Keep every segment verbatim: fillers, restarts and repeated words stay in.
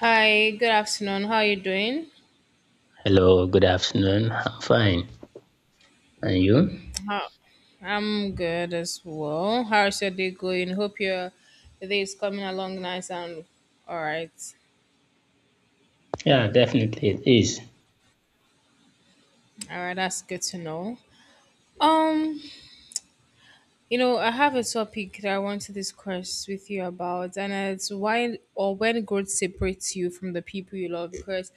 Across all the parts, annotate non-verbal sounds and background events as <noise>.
Hi, good afternoon. How are you doing? Hello, good afternoon. I'm fine. And you? How? I'm good as well. How's your day going? Hope your day is coming along nice and all right. Yeah, definitely it is. All right, that's good to know. Um, you know, I have a topic that I want to discuss with you about, and it's why or when growth separates you from the people you love. Because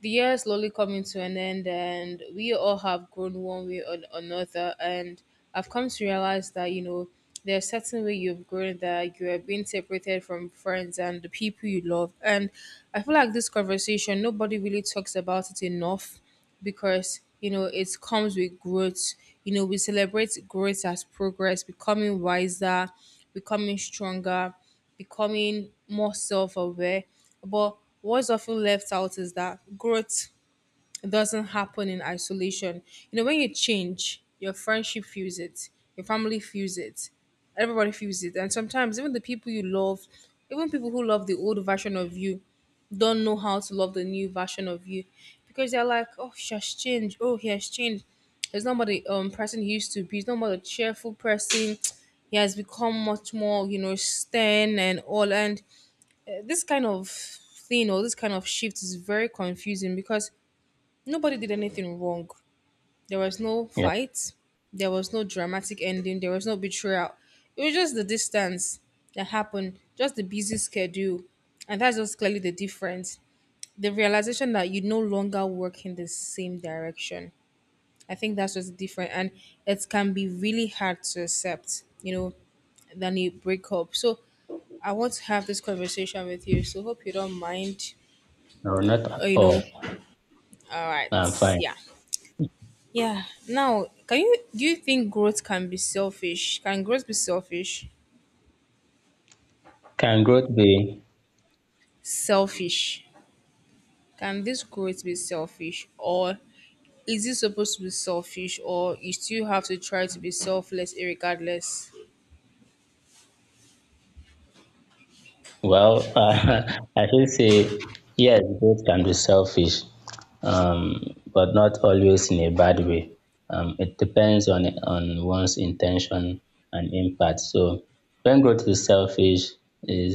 the year is slowly coming to an end, and we all have grown one way or another. And I've come to realize that, you know, there's a certain way you've grown that you are being separated from friends and the people you love. And I feel like this conversation, nobody really talks about it enough because you know it comes with growth. You know, we celebrate growth as progress, becoming wiser, becoming stronger, becoming more self aware. But what's often left out is that growth it doesn't happen in isolation. You know, when you change, your friendship feels it, your family feels it, everybody feels it. And sometimes even the people you love, even people who love the old version of you, don't know how to love the new version of you because they're like, oh, she has changed. Oh, he has changed. He's not about the um, person he used to be. He's not about a cheerful person. He has become much more, you know, stern and all. And uh, this kind of thing or this kind of shift is very confusing because nobody did anything wrong. There was no Yeah, fight. There was no dramatic ending. There was no betrayal. It was just the distance that happened, just the busy schedule. And that's just clearly the difference. The realization that you no longer work in the same direction. I think that's just different. And it can be really hard to accept, you know, than a breakup. So I want to have this conversation with you. So hope you don't mind. no, not Uh, at You know, all. all right. I'm fine. Yeah. Yeah. Now, can you do you think growth can be selfish? Can growth be selfish? Can growth be? Selfish. Can this growth be selfish or is it supposed to be selfish or you still have to try to be selfless regardless? Well, <laughs> uh, I should say, yes, growth can be selfish, um, but not always in a bad way. Um, it depends on on one's intention and impact. So, when growth is selfish, is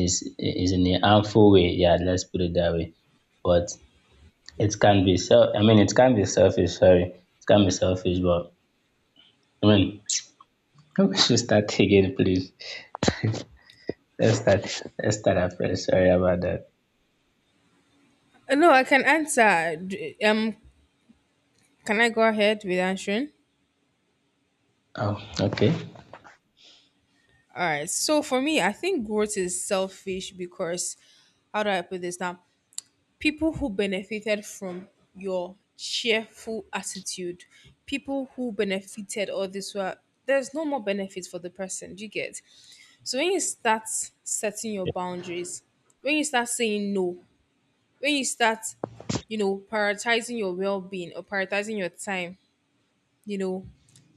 is is in a harmful way. Yeah, let's put it that way. But It can be self I mean it can be selfish, sorry. It can be selfish, but I mean <laughs> <tsk> we should start again, please. <laughs> let's start let's start afresh. Sorry about that. No, I can answer. D- Um can I go ahead with answering? Oh, okay. All right. So for me, I think growth is selfish because how do I put this now? People who benefited from your cheerful attitude, people who benefited all this were there's no more benefit for the person. Do you get? So when you start setting your boundaries, when you start saying no, when you start, you know, prioritizing your well being or prioritizing your time, you know,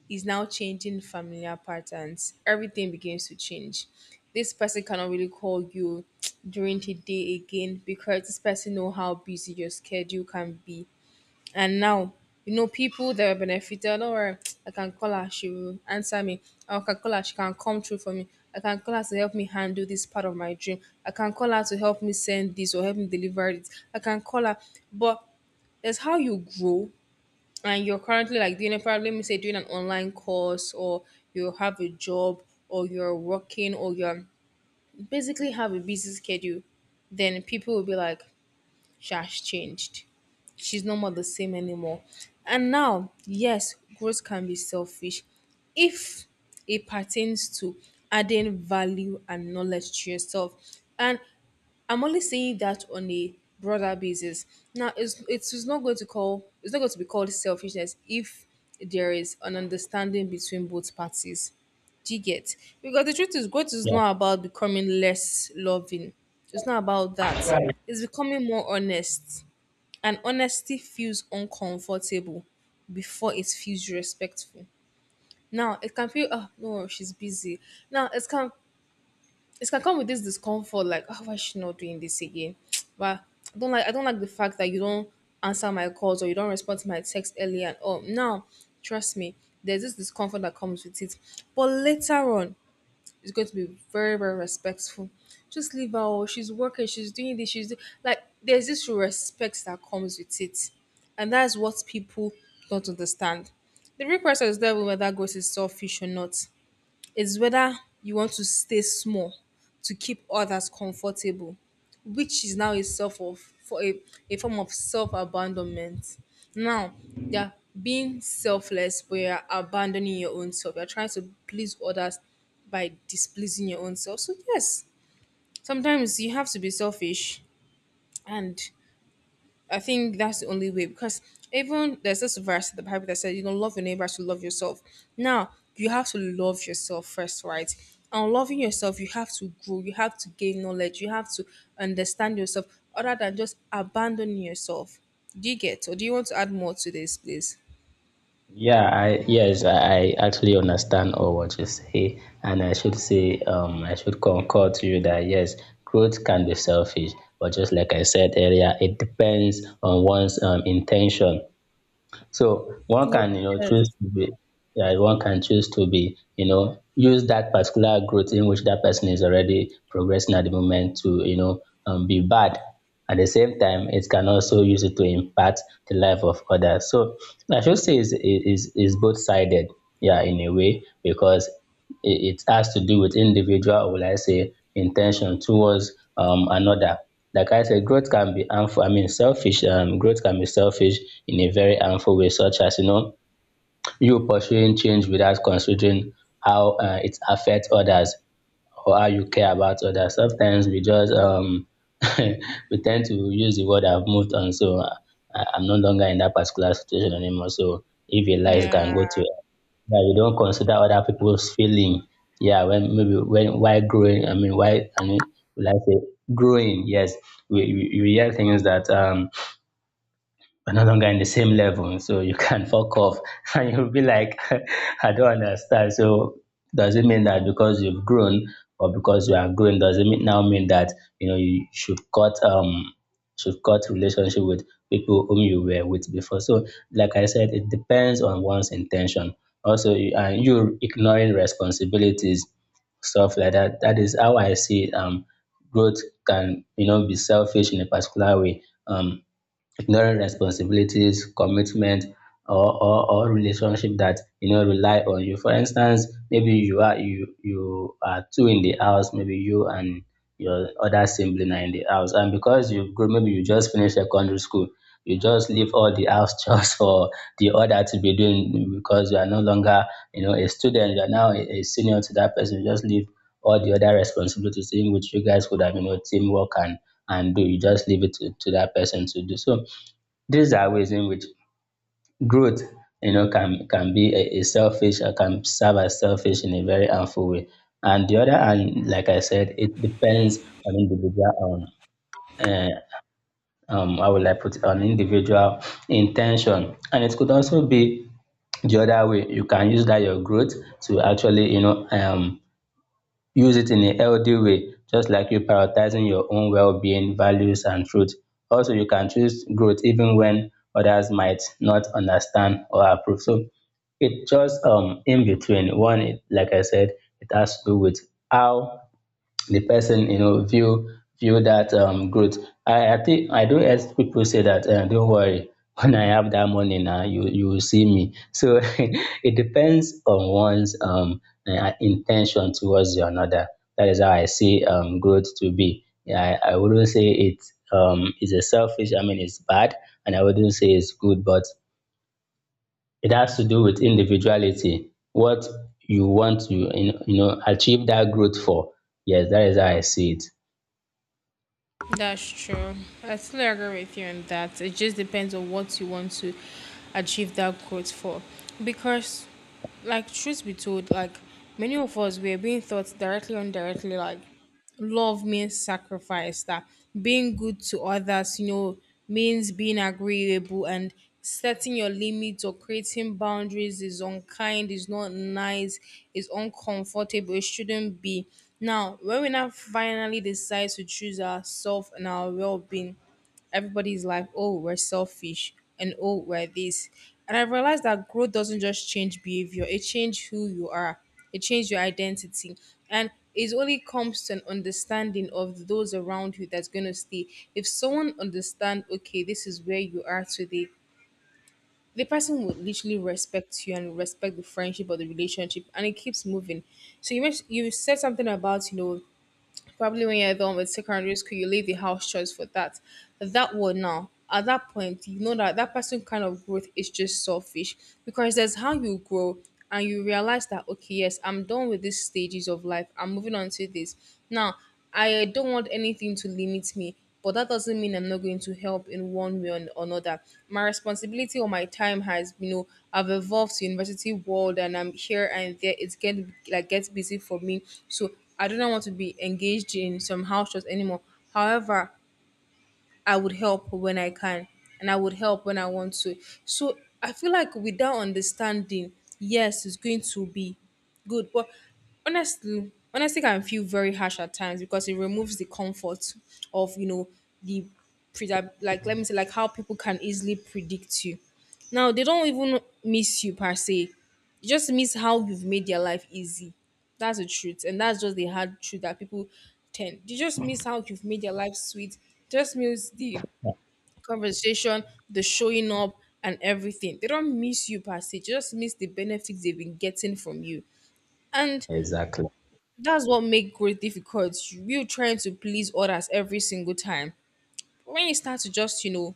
is now changing familiar patterns. Everything begins to change. This person cannot really call you <tsk> during the day again because this person know how busy your schedule can be. And now, you know, people that are benefited, or <tsk> I can call her, she will answer me. I can call her, she can come through for me. I can call her to help me handle this part of my dream. I can call her to help me send this or help me deliver it. I can call her. But that's how you grow and you're currently like doing a probably let me say doing an online course or you have a job or you're working or you're basically have a busy schedule, then people will be like, Shash changed. She's no more the same anymore. And now, yes, growth can be selfish if it pertains to adding value and knowledge to yourself. And I'm only saying that on a broader basis. Now, it's it's not going to call it's not going to be called selfishness if there is an understanding between both parties. Do you get? Because the truth is, growth is Yeah. not about becoming less loving. It's not about that. It's becoming more honest, and honesty feels uncomfortable before it feels respectful. Now it can feel oh no she's busy. Now it can it can come with this discomfort, like, oh, why is she not doing this again? <tsk> But I don't like I don't like the fact that you don't answer my calls or you don't respond to my text earlier and all. Now, trust me, there's this discomfort that comes with it. But later on, it's going to be very, very respectful. Just leave her oh, she's working, she's doing this, she's do-. like there's this respect that comes with it. And that's what people don't understand. The real person is there whether grace is selfish or not is whether you want to stay small to keep others comfortable, which is now a self of for a, a form of self abandonment. Now you're being selfless, but you're abandoning your own self. You're trying to please others by displeasing your own self. So yes, sometimes you have to be selfish and I think that's the only way because even there's this verse in the Bible that says you don't love your neighbor to love yourself. Now you have to love yourself first, right? And loving yourself, you have to grow, you have to gain knowledge, you have to understand yourself, other than just abandoning yourself. Do you get? Or do you want to add more to this, please? Yeah, I yes, I, I actually understand all what you say, and I should say, um, I should concur to you that yes, growth can be selfish, but just like I said earlier, it depends on one's um, intention. So one can, you know, choose Yes. to be, yeah, one can choose to be, you know, use that particular growth in which that person is already progressing at the moment to, you know, um, be bad. At the same time, it can also use it to impact the life of others. So I should say is is is both sided, yeah, in a way, because it, it has to do with individual, or will I say, intention towards um, another. Like I said, growth can be harmful. I mean, selfish. Um, growth can be selfish in a very harmful way, such as you know you pursuing change without considering how uh, it affects others or how you care about others. Sometimes we just um, <laughs> we tend to use the word "I've moved on," so uh, I- I'm no longer in that particular situation anymore. So if a lies can go Yeah. to yeah, we don't consider other people's feeling. Yeah, when maybe when why growing, I mean why I mean like I say growing? Yes, we, we, we hear things that um we're no longer in the same level, so you <laughs> can fuck off. <laughs> And you'll be like, <laughs> I don't understand. So does it mean that because you've grown or because you are grown, does it mean, now mean that you know you should cut um should cut relationship with people whom you were with before? So like I said, it depends on one's intention. Also, you- and you ignoring responsibilities, stuff like that. That is how I see um growth can you know be selfish in a particular way. Um, ignoring responsibilities, commitment, or, or, or relationship that you know rely on you. For instance, maybe you are you you are two in the house, maybe you and your other sibling are in the house, and because you've grown, maybe you just finished secondary school, you just leave all the house <laughs> chores for the other to be doing because you are no longer you know a student, you are now a, a senior to that person. You just leave all the other responsibilities in which you guys could have you know teamwork and and do you just leave it to, to that person to do so these are ways in which growth, you know, can can be a, a selfish or can serve as selfish in a very harmful way. And the other hand, like I said, it depends on individual on uh, um how will I put it on individual intention. And it could also be the other way. You can use that your growth to actually, you know, um use it in a healthy way just like you prioritizing your own well-being values and truth also you can choose growth even when others might not understand or approve so it just um in between one it like I said it has to do with how the person you know view view that um growth i i think I do not ask people say that uh, don't worry <laughs> when I have that money now you you will see me so <laughs> it depends on one's um uh, intention towards the another that is how I see um growth to be yeah, i, I wouldn't say it um is a selfish I mean it's bad and I wouldn't say it's good but it has to do with individuality what you want to you know, you know achieve that growth for yes that is how I see it. That's true. I still agree with you on that. It just depends on what you want to achieve that growth for. Because, like, truth be told, like, many of us, we are being taught directly or indirectly, like, love means sacrifice, that being good to others, you know, means being agreeable and setting your limits or creating boundaries is unkind, is not nice, is uncomfortable, it shouldn't be. Now, when we now finally decide to choose ourselves and our well being, everybody's like, oh, we're selfish and oh, we're this. And I realized that growth doesn't just change behavior, it changes who you are, it changes your identity. And it only comes to an understanding of those around you that's going to stay. If someone understands, okay, this is where you are today, the person would literally respect you and respect the friendship or the relationship and it keeps moving. So you mentioned, you said something about you know probably when you're done with secondary school, you leave the house just for that. That one now, at that point, you know that that person kind of growth is just selfish because there's how you grow and you realize that, okay, yes, I'm done with these stages of life. I'm moving on to this. Now, I don't want anything to limit me, but that doesn't mean I'm not going to help in one way or or another. My responsibility or my time has, you know, I've evolved to university world and I'm here and there. It's getting like gets busy for me, so I do not want to be engaged in some house chores anymore. However, I would help when I can and I would help when I want to. So I feel like without understanding, yes, it's going to be good. But honestly, honestly can feel very harsh at times because it removes the comfort of, you know, the predi- like let me say like how people can easily predict you. Now they don't even miss you per se, you just miss how you've made their life easy. That's the truth. And that's just the hard truth that people tend. You just miss how you've made their life sweet. Just miss the conversation, the showing up, and everything. They don't miss you per se. They just miss the benefits they've been getting from you. And Exactly. that's what makes growth difficult. You trying to please others every single time when you start to just you know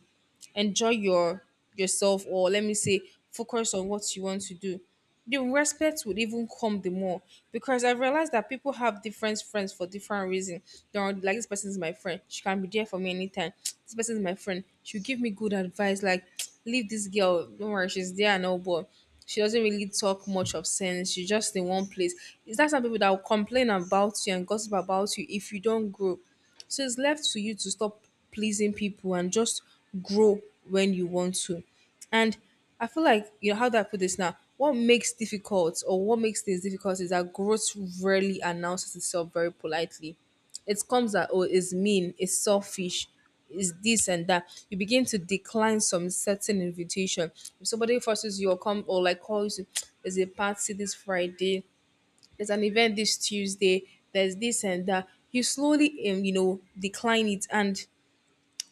enjoy your yourself or let me say focus on what you want to do, the respect would even come the more because I realized that people have different friends for different reasons. There are like this person is my friend, she can be there for me anytime. This person is my friend, she'll give me good advice, like <tsk> leave this girl don't worry she's there and all, but she doesn't really talk much of sense, she's just in one place. Is that some people that will complain about you and gossip about you if you don't grow? So it's left to you to stop pleasing people and just grow when you want to. And I feel like, you know, how do I put this now? What makes difficult or what makes things difficult is that growth rarely announces itself very politely. It comes that, oh, it's mean, it's selfish, it's this and that. You begin to decline some certain invitation. If somebody forces you or come or like calls you, <tsk> there's a party this Friday, there's an event this Tuesday, there's this and that. You slowly, um, you know, decline it. And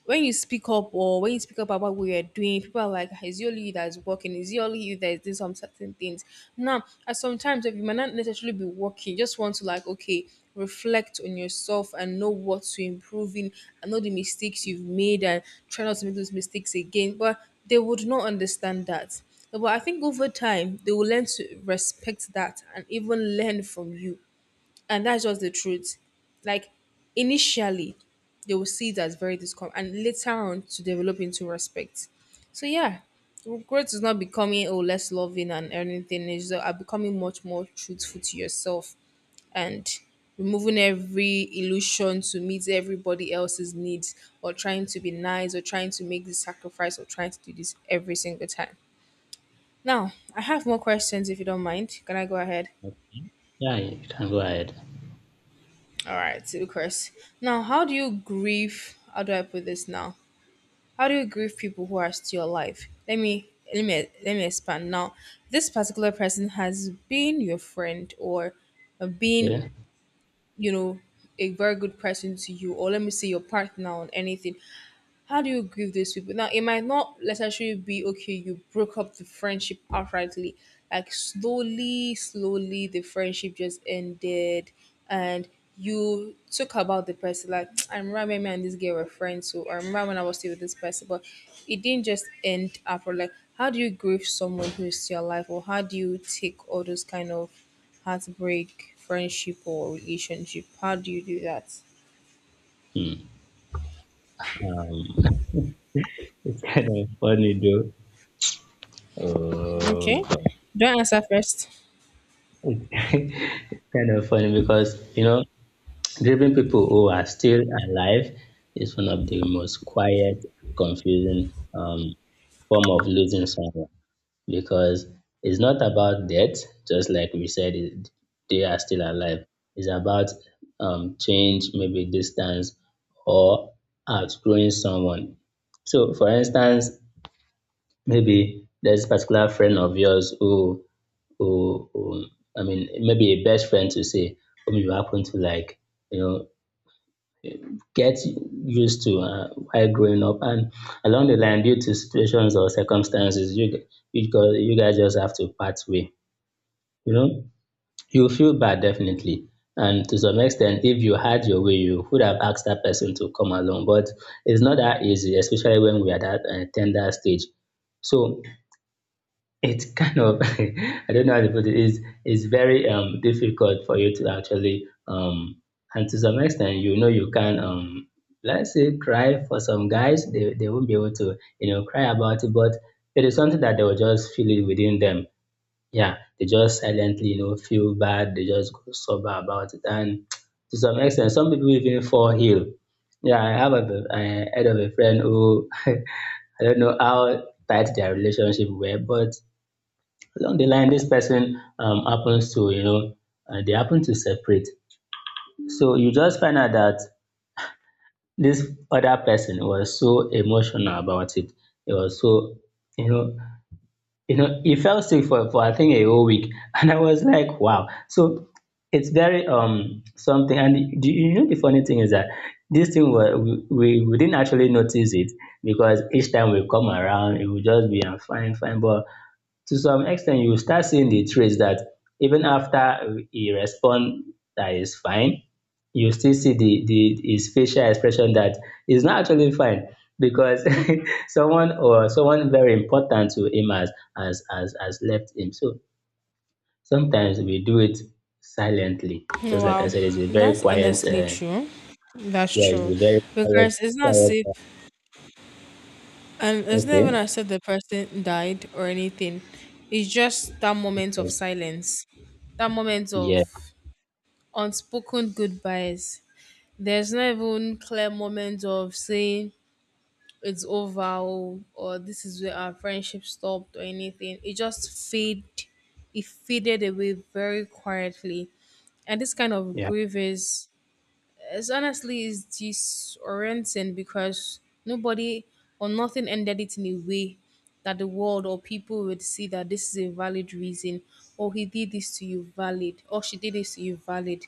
when you speak up or when you speak up about what you're doing, people are like, "Ah, is it only you that's working? Is it only you that's doing some certain things? Now, at sometimes if you might not necessarily be working, you just want to like, okay, reflect on yourself and know what to improve in and know the mistakes you've made and try not to make those mistakes again. But they would not understand that. But I think over time, they will learn to respect that and even learn from you. And that's just the truth. Like initially, they will see it as very discomfort, and later on to develop into respect. So yeah, growth is not becoming oh less loving and anything. It's just, uh, becoming much more truthful to yourself and removing every illusion to meet everybody else's needs or trying to be nice or trying to make this sacrifice or trying to do this every single time. Now, I have more questions if you don't mind. Can I go ahead? Yeah, you can go ahead. All right, so Chris. Now, how do you grieve? How do I put this now? How do you grieve people who are still alive? Let me let me let me expand. Now, this particular person has been your friend or been, Yeah. you know, a very good person to you, or let me say your partner on anything. How do you grieve these people? Now, it might not necessarily be okay, you broke up the friendship outrightly. Like, slowly, slowly, the friendship just ended, and you took about the person. Like, <tsk> I remember when me and this girl were friends, so I remember when I was still with this person, but it didn't just end after. Like, how do you grieve someone who is still alive, or how do you take all those kind of heartbreak, friendship, or relationship? How do you do that? Hmm. Um, <laughs> it's kind of funny though. Oh, Okay, God. do I answer first? It's <laughs> kind of funny because, you know, <tsk> grieving people who are still alive is one of the most quiet, confusing um, form of losing someone. Because it's not about death, just like we said, it, they are still alive. It's about um, change, maybe distance, or outgrowing someone. So, for instance, maybe there's a particular friend of yours who, who, who I mean, maybe a best friend to say, whom you happen to like, you know, get used to uh, while growing up, and along the line, due to situations or circumstances, you you, gu- you guys just have to part way. You know you feel bad definitely and to some extent if you had your way you would have asked that person to come along but it's not that easy especially when we are at that uh, tender stage so it's kind of <laughs> I don't know how to put it is it's very um difficult for you to actually um and to some extent you know you can um let's say cry for some guys they, they won't be able to you know cry about it but it is something that they will just feel it within them. Yeah, they just silently, you know, feel bad. They just go sober about it. And to some extent, some people even fall ill. Yeah, I have a, I heard of a friend who <laughs> I don't know how tight their relationship were, but along the line, this person um, happens to, you know, uh, they happen to separate. So you just find out that this other person was so emotional about it. It was so, you know, you know, he fell sick for, for I think a whole week. <laughs> And I was like, wow. So it's very um something. And do you know the funny thing is that this thing were, we we we didn't actually notice it because each time we come around, it would just be I'm fine, fine. But to some extent you will start seeing the traits that even after he respond that is fine, you still see the, the his facial expression that is not actually fine because <laughs> someone or someone very important to him has has has, has left him. So sometimes we do it silently. Just like I Wow, said, it's a very that's quiet. honestly Uh, true. That's yeah, it's true. a very quiet. Because it's not safe Quiet and uh, it's not okay. even as if the person died or anything. It's just that moment of silence, that moment Yeah. of unspoken goodbyes. There's not even clear moment of saying it's over oh," or this is where our friendship stopped or anything. It just fade it faded away very quietly. And this kind of Yeah. grief is it's honestly is disorienting because nobody or nothing ended it in a way that the world or people would see that this is a valid reason or he did this to you valid or she did this to you valid.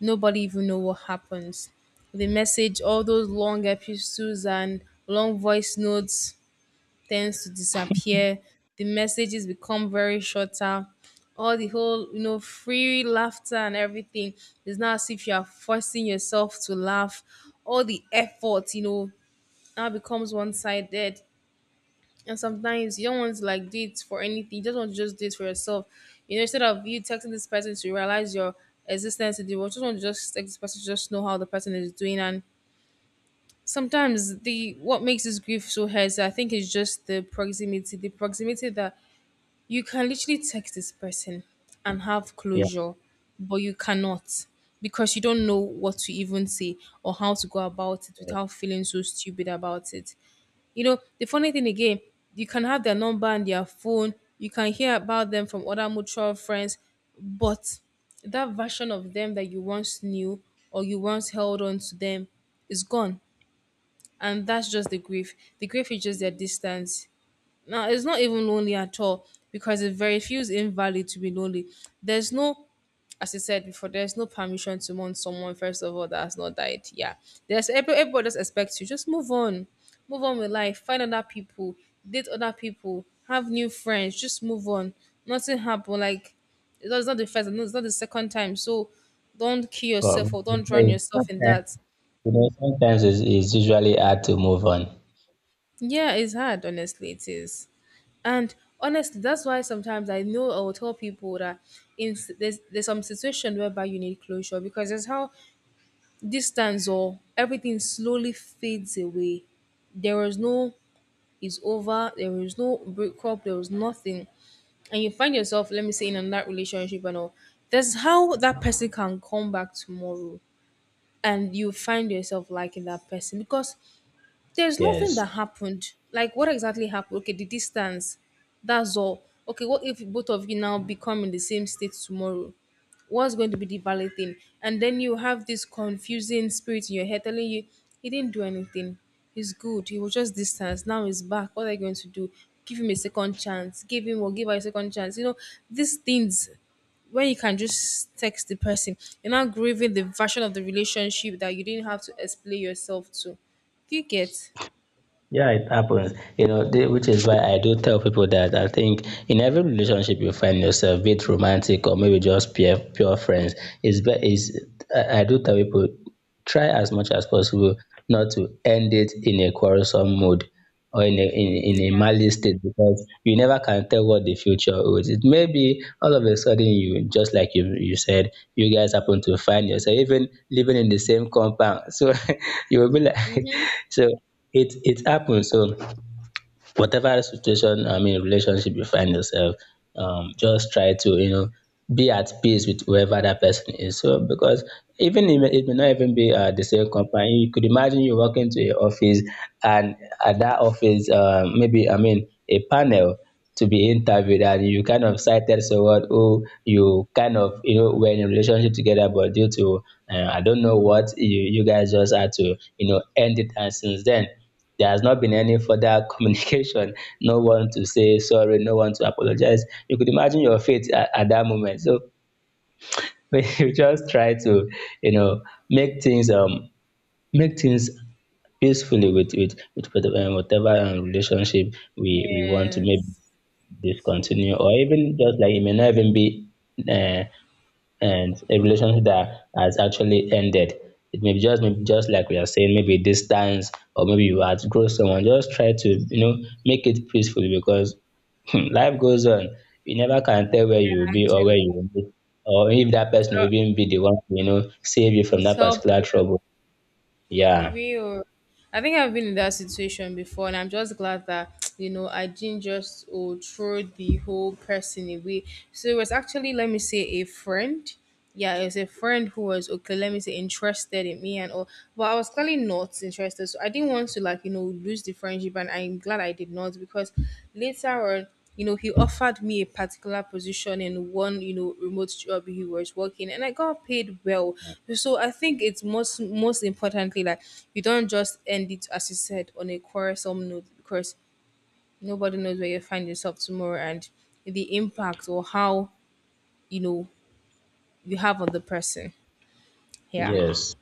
Nobody even know what happens. The message, all those long epistles and long voice notes tends to disappear. The messages become very shorter. All the whole, you know, free laughter and everything is now as if you are forcing yourself to laugh. All the effort, you know, now becomes one sided. And sometimes you don't want to like do it for anything. You just want to just do it for yourself. You know, instead of you texting this person to realize your existence in the world, you just want to just text this person to just know how the person is doing and sometimes the what makes this grief so hard I think is just the proximity the proximity that you can literally text this person and have Yeah. closure, but you cannot because you don't know what to even say or how to go about it Yeah. without feeling so stupid about it. You know, the funny thing again, you can have their number and their phone, you can hear about them from other mutual friends, but that version of them that you once knew or you once held on to them is gone. And that's just the grief. The grief is just their distance. Now it's not even lonely at all because it very feels invalid to be lonely. There's no, as I said before, there's no permission to mourn someone, first of all, that has not died. Yeah. There's every- everybody just expects you. Just move on. Move on with life. Find other people. Date other people. Have new friends. Just move on. Nothing happened. Like, it's not it's not the first, it's not the second time. So don't kill But, yourself or but don't drown yourself in that. you know, sometimes it's, it's usually hard to move on. Yeah, it's hard, honestly. It is. And honestly, that's why sometimes I know I will tell people that in s- there's, there's some situation whereby you need closure because that's how distance or everything slowly fades away. There was no it's over, there was no breakup, there was nothing. And you find yourself, let me say, in another relationship and all. That's how that person can come back tomorrow and you find yourself liking that person because there's nothing Yes. that happened. Like, what exactly happened? Okay, the distance. That's all. Okay, what if both of you now become in the same state tomorrow? What's going to be the valid thing? And then you have this confusing spirit in your head telling you, he didn't do anything. He's good. He was just distance. Now he's back. What are you going to do? Give him a second chance. Give him or give her a second chance. You know, these things when you can just text the person, you're not grieving the version of the relationship that you didn't have to explain yourself to. Do you get? Yeah, it happens. You know, the- which is why I do tell people that I think in every relationship you find yourself, be it romantic or maybe just pure pure friends, is be is I I do tell people try as much as possible not to end it in a quarrelsome mood or in a in, in a malice state because you never can tell what the future holds. It may be all of a sudden you just like you you said, you guys happen to find yourself even living in the same compound. So <laughs> you will be like <laughs> Mm-hmm. so it it happens so whatever situation I mean relationship you find yourself um just try to you know be at peace with whoever that person is so because even if it may not even be uh, the same company you could imagine you walk into an office and at that office uh, maybe I mean a panel to be interviewed and you kind of cited someone who you kind of you know were in a relationship together but due to uh, I don't know what you you guys just had to you know end it and since then there has not been any further <laughs> communication. No one to say sorry, no one to apologize. You could imagine your fate at, at that moment. So <laughs> when you just try to, you know, make things um make things peacefully with with with, with um, whatever um, relationship we we want to maybe Yes. discontinue or even just like it may not even be uh, and a relationship that has actually ended. It may be just maybe just like we are saying, maybe distance or maybe you outgrow someone. Just try to you know make it peacefully because <laughs> life goes on. You never can tell where Yeah, you will be or where actually. you will be, or if that person Uh, will even be the one to, you know save you from It's that help particular you. trouble. Yeah. Real. I think I've been in that situation before, and I'm just glad that you know I didn't just oh, throw the whole person away. So it was actually, let me say, a friend. Yeah, it was a friend who was okay. Let me say, interested in me and all, but I was clearly not interested. So I didn't want to like you know lose the friendship, and I'm glad I did not because later on you know, he offered me a particular position in one, you know, remote job he was working, and I got paid well. So I think it's most most importantly like you don't just end it as you said on a quarrelsome note because nobody knows where you find yourself tomorrow and the impact or how you know you have on the person. Yeah. Yes.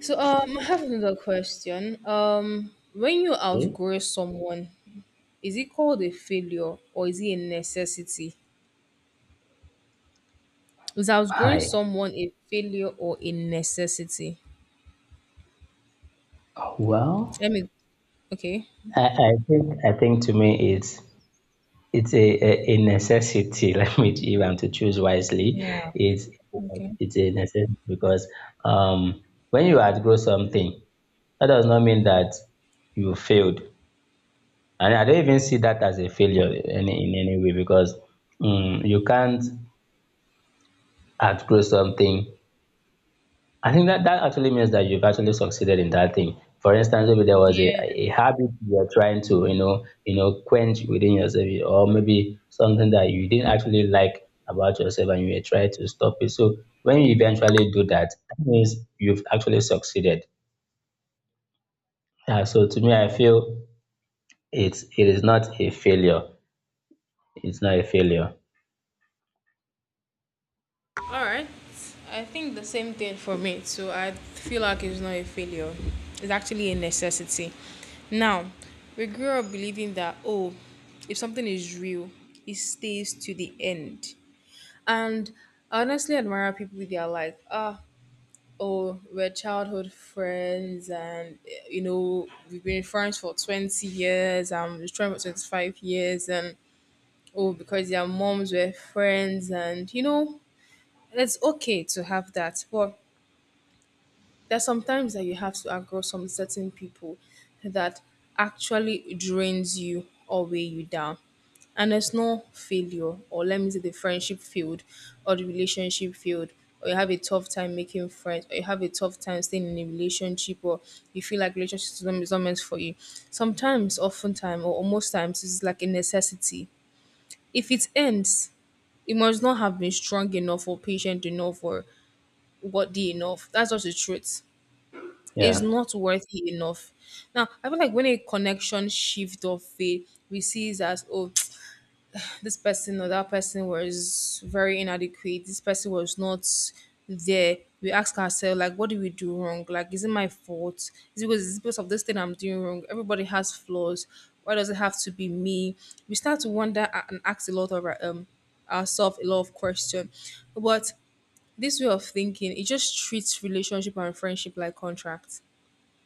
So um, I have another question. Um, when you Okay. outgrow someone, is it called a failure or is it a necessity? Is outgrowing Hi. someone a failure or a necessity? Well, Let me. Okay. I, I think I think to me it's it's a, a, a necessity. <laughs> Let me, if I'm to choose wisely, Yeah. it's Okay. it's a necessity because um, when you outgrow something, that does not mean that you failed. And I don't even see that as a failure in, in any way because mm you can't outgrow something I think that that actually means that you've actually succeeded in that thing. For instance, maybe there was a, Yeah. a habit you're trying to, you know, you know, quench within yourself, or maybe something that you didn't actually like about yourself and you were trying to stop it. So when you eventually do that, that means you've actually succeeded. Yeah, so to me, I feel it's it is not a failure. It's not a failure. All right. I think the same thing for me too. I feel like it's not a failure. It's actually a necessity. Now, we grew up believing that oh, if something is real, it stays to the end. And I honestly admire people with their like, ah, oh, we're childhood friends, and you know we've been friends for twenty years. I'm with friends for twenty five years, and oh, because their moms were friends, and you know it's okay to have that. But there's sometimes that you have to across some certain people that actually drains you or weigh you down. And there's no failure, or let me say the friendship failed, or the relationship failed, or you have a tough time making friends, or you have a tough time staying in a relationship, or you feel like relationship is not is not meant for you. Sometimes, oftentimes, or most times, it's like a necessity. If it ends, it must not have been strong enough or patient enough or worthy enough. That's just the truth is Yeah. not worthy enough. Now, I feel like when a connection shift of fade, we see it as oh, <tsk> this person or that person was very inadequate. This person was not there. We ask ourselves like, what did we do wrong? Like, is it my fault? Is it because, is it because of this thing I'm doing wrong? Everybody has flaws. Why does it have to be me? We start to wonder a- and ask a lot of our, um ourselves a lot of questions. But this way of thinking, it just treats relationship and friendship like contracts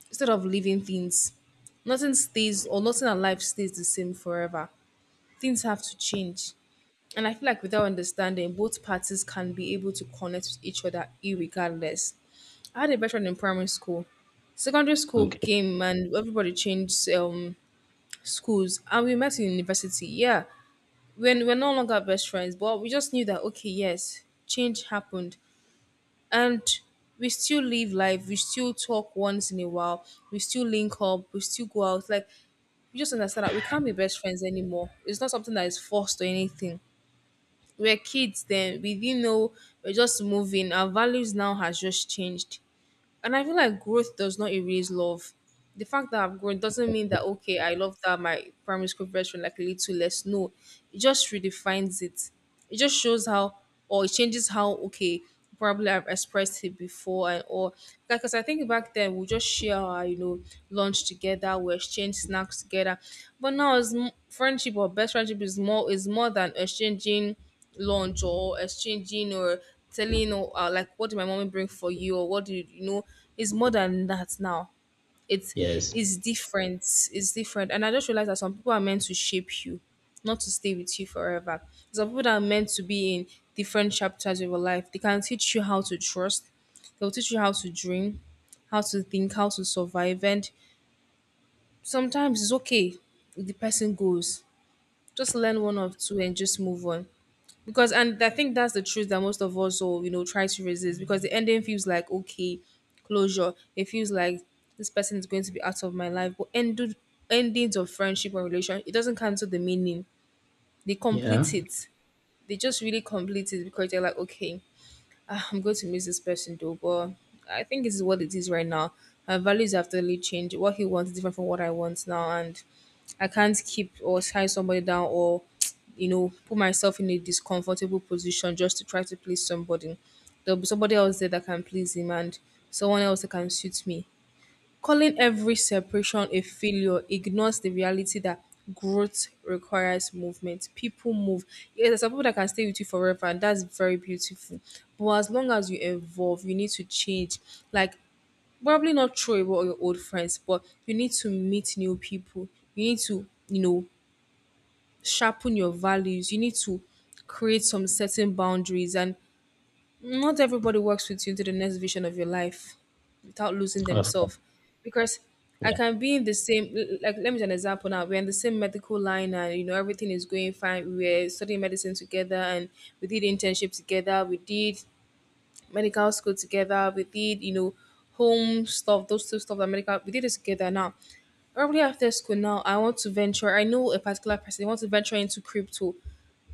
instead of living things. Nothing stays or nothing alive stays the same forever. Things have to change. And I feel like without understanding, both parties can be able to connect with each other irregardless. I had a best friend in primary school. Secondary school Okay. came and everybody changed um, schools and we met in university. Yeah. When we're no longer best friends, but we just knew that okay, yes, change happened. And we still live life, we still talk once in a while, we still link up, we still go out. Like you just understand that we can't be best friends anymore. It's not something that is forced or anything. We're kids then. We didn't know. We're just moving. Our values now has just changed. And I feel like growth does not erase love. The fact that I've grown doesn't mean that, okay, I love that my primary school best friend like a little less. No, it just redefines it. It just shows how, or it changes how, okay, probably I've expressed it before and or because I think back then we just share our you know lunch together, we exchange snacks together, but now it's m- friendship or best friendship is more is more than exchanging lunch or exchanging or telling or uh, like, what did my mommy bring for you, or what did you know it's more than that now. it's Yes. it's different, it's different. And I just realized that some people are meant to shape you, not to stay with you forever. Some people that are meant to be in different chapters of your life, they can teach you how to trust, they'll teach you how to dream, how to think, how to survive. And sometimes it's okay if the person goes, just learn one or two and just move on. Because and I think that's the truth that most of us will you know try to resist, because the ending feels like, okay, closure. It feels like this person is going to be out of my life, but end, endings of friendship or relation, it doesn't cancel the meaning. They Yeah. complete it. They just really complete it, because they're like, okay, "Ah, I'm going to miss this person though, but I think this is what it is right now. My values have totally changed. What he wants is different from what I want now, and I can't keep or tie somebody down or <tsk> you know put myself in a discomfortable position just to try to please somebody. There'll be somebody else there that can please him, and someone else that can suit me." Calling every separation a failure ignores the reality that growth requires movement. People move. Yes, there's some people that can stay with you forever, and that's very beautiful. But as long as you evolve, you need to change. Like, probably not throw away all your old friends, but you need to meet new people. You need to you know, sharpen your values. You need to create some certain boundaries, and not everybody works with you into the next vision of your life without losing Of course. themselves. Because I Yeah. can be in the same, l- like, let me give an example now. We're in the same medical line and you know, everything is going fine. We're studying medicine together, and we did internship together. We did medical school together. We did, you know, home stuff, those two stuff that medical, we did it together now. Probably after school now, I want to venture. I know a particular person, I want to venture into crypto.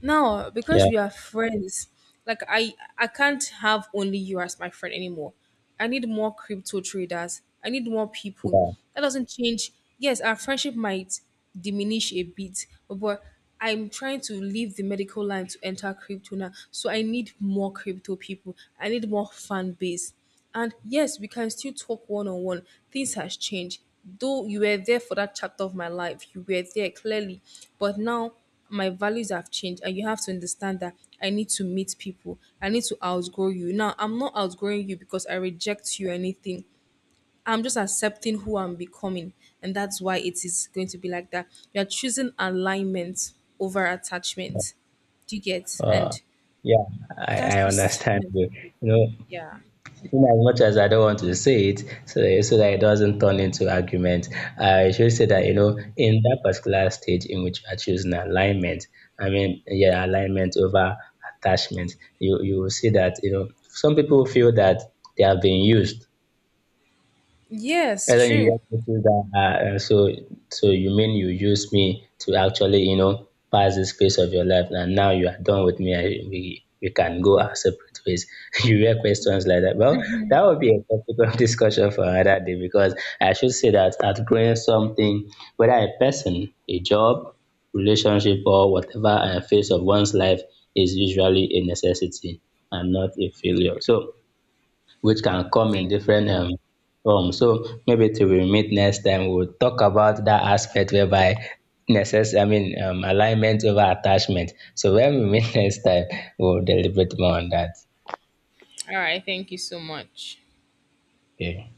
No, Yeah. because we are friends. Like, I I can't have only you as my friend anymore. I need more crypto traders. I need more people. Yeah. That doesn't change. Yes, our friendship might diminish a bit, but I'm trying to leave the medical line to enter crypto now. So I need more crypto people. I need more fan base. And yes, we can still talk one on one. Things has changed. Though you were there for that chapter of my life, you were there clearly. But now my values have changed, and you have to understand that I need to meet people. I need to outgrow you. Now I'm not outgrowing you because I reject you or anything. I'm just accepting who I'm becoming. And that's why it is going to be like that. You're choosing alignment over attachment. Do you get? Uh, And yeah. I, I that's just, understand you. You know, yeah. in as much as I don't want to say it, so that, so that it doesn't turn into argument, I should say that, Yeah. you know, in that particular stage in which I choose an alignment, I mean, yeah, alignment over attachment, you, you will see that, you know, some people feel that they have been used Yes, and then true. you just feel that, uh, uh, so so you mean you use me to actually you know pass this phase of your life, and now you are done with me. I, we we can go our separate ways. <laughs> you hear questions like that. Well, that would be a topic of <laughs> discussion for another day because I should say that outgrowing something, whether a person, a job, relationship, or whatever uh, phase of one's life, is usually a necessity and not a failure. So which can come in Thank different um form. So maybe till we meet next time, we'll talk about that aspect whereby necess- I mean um, alignment over attachment. So when we meet <laughs> next time, we'll deliberate more on that. All right. Thank you so much. Okay.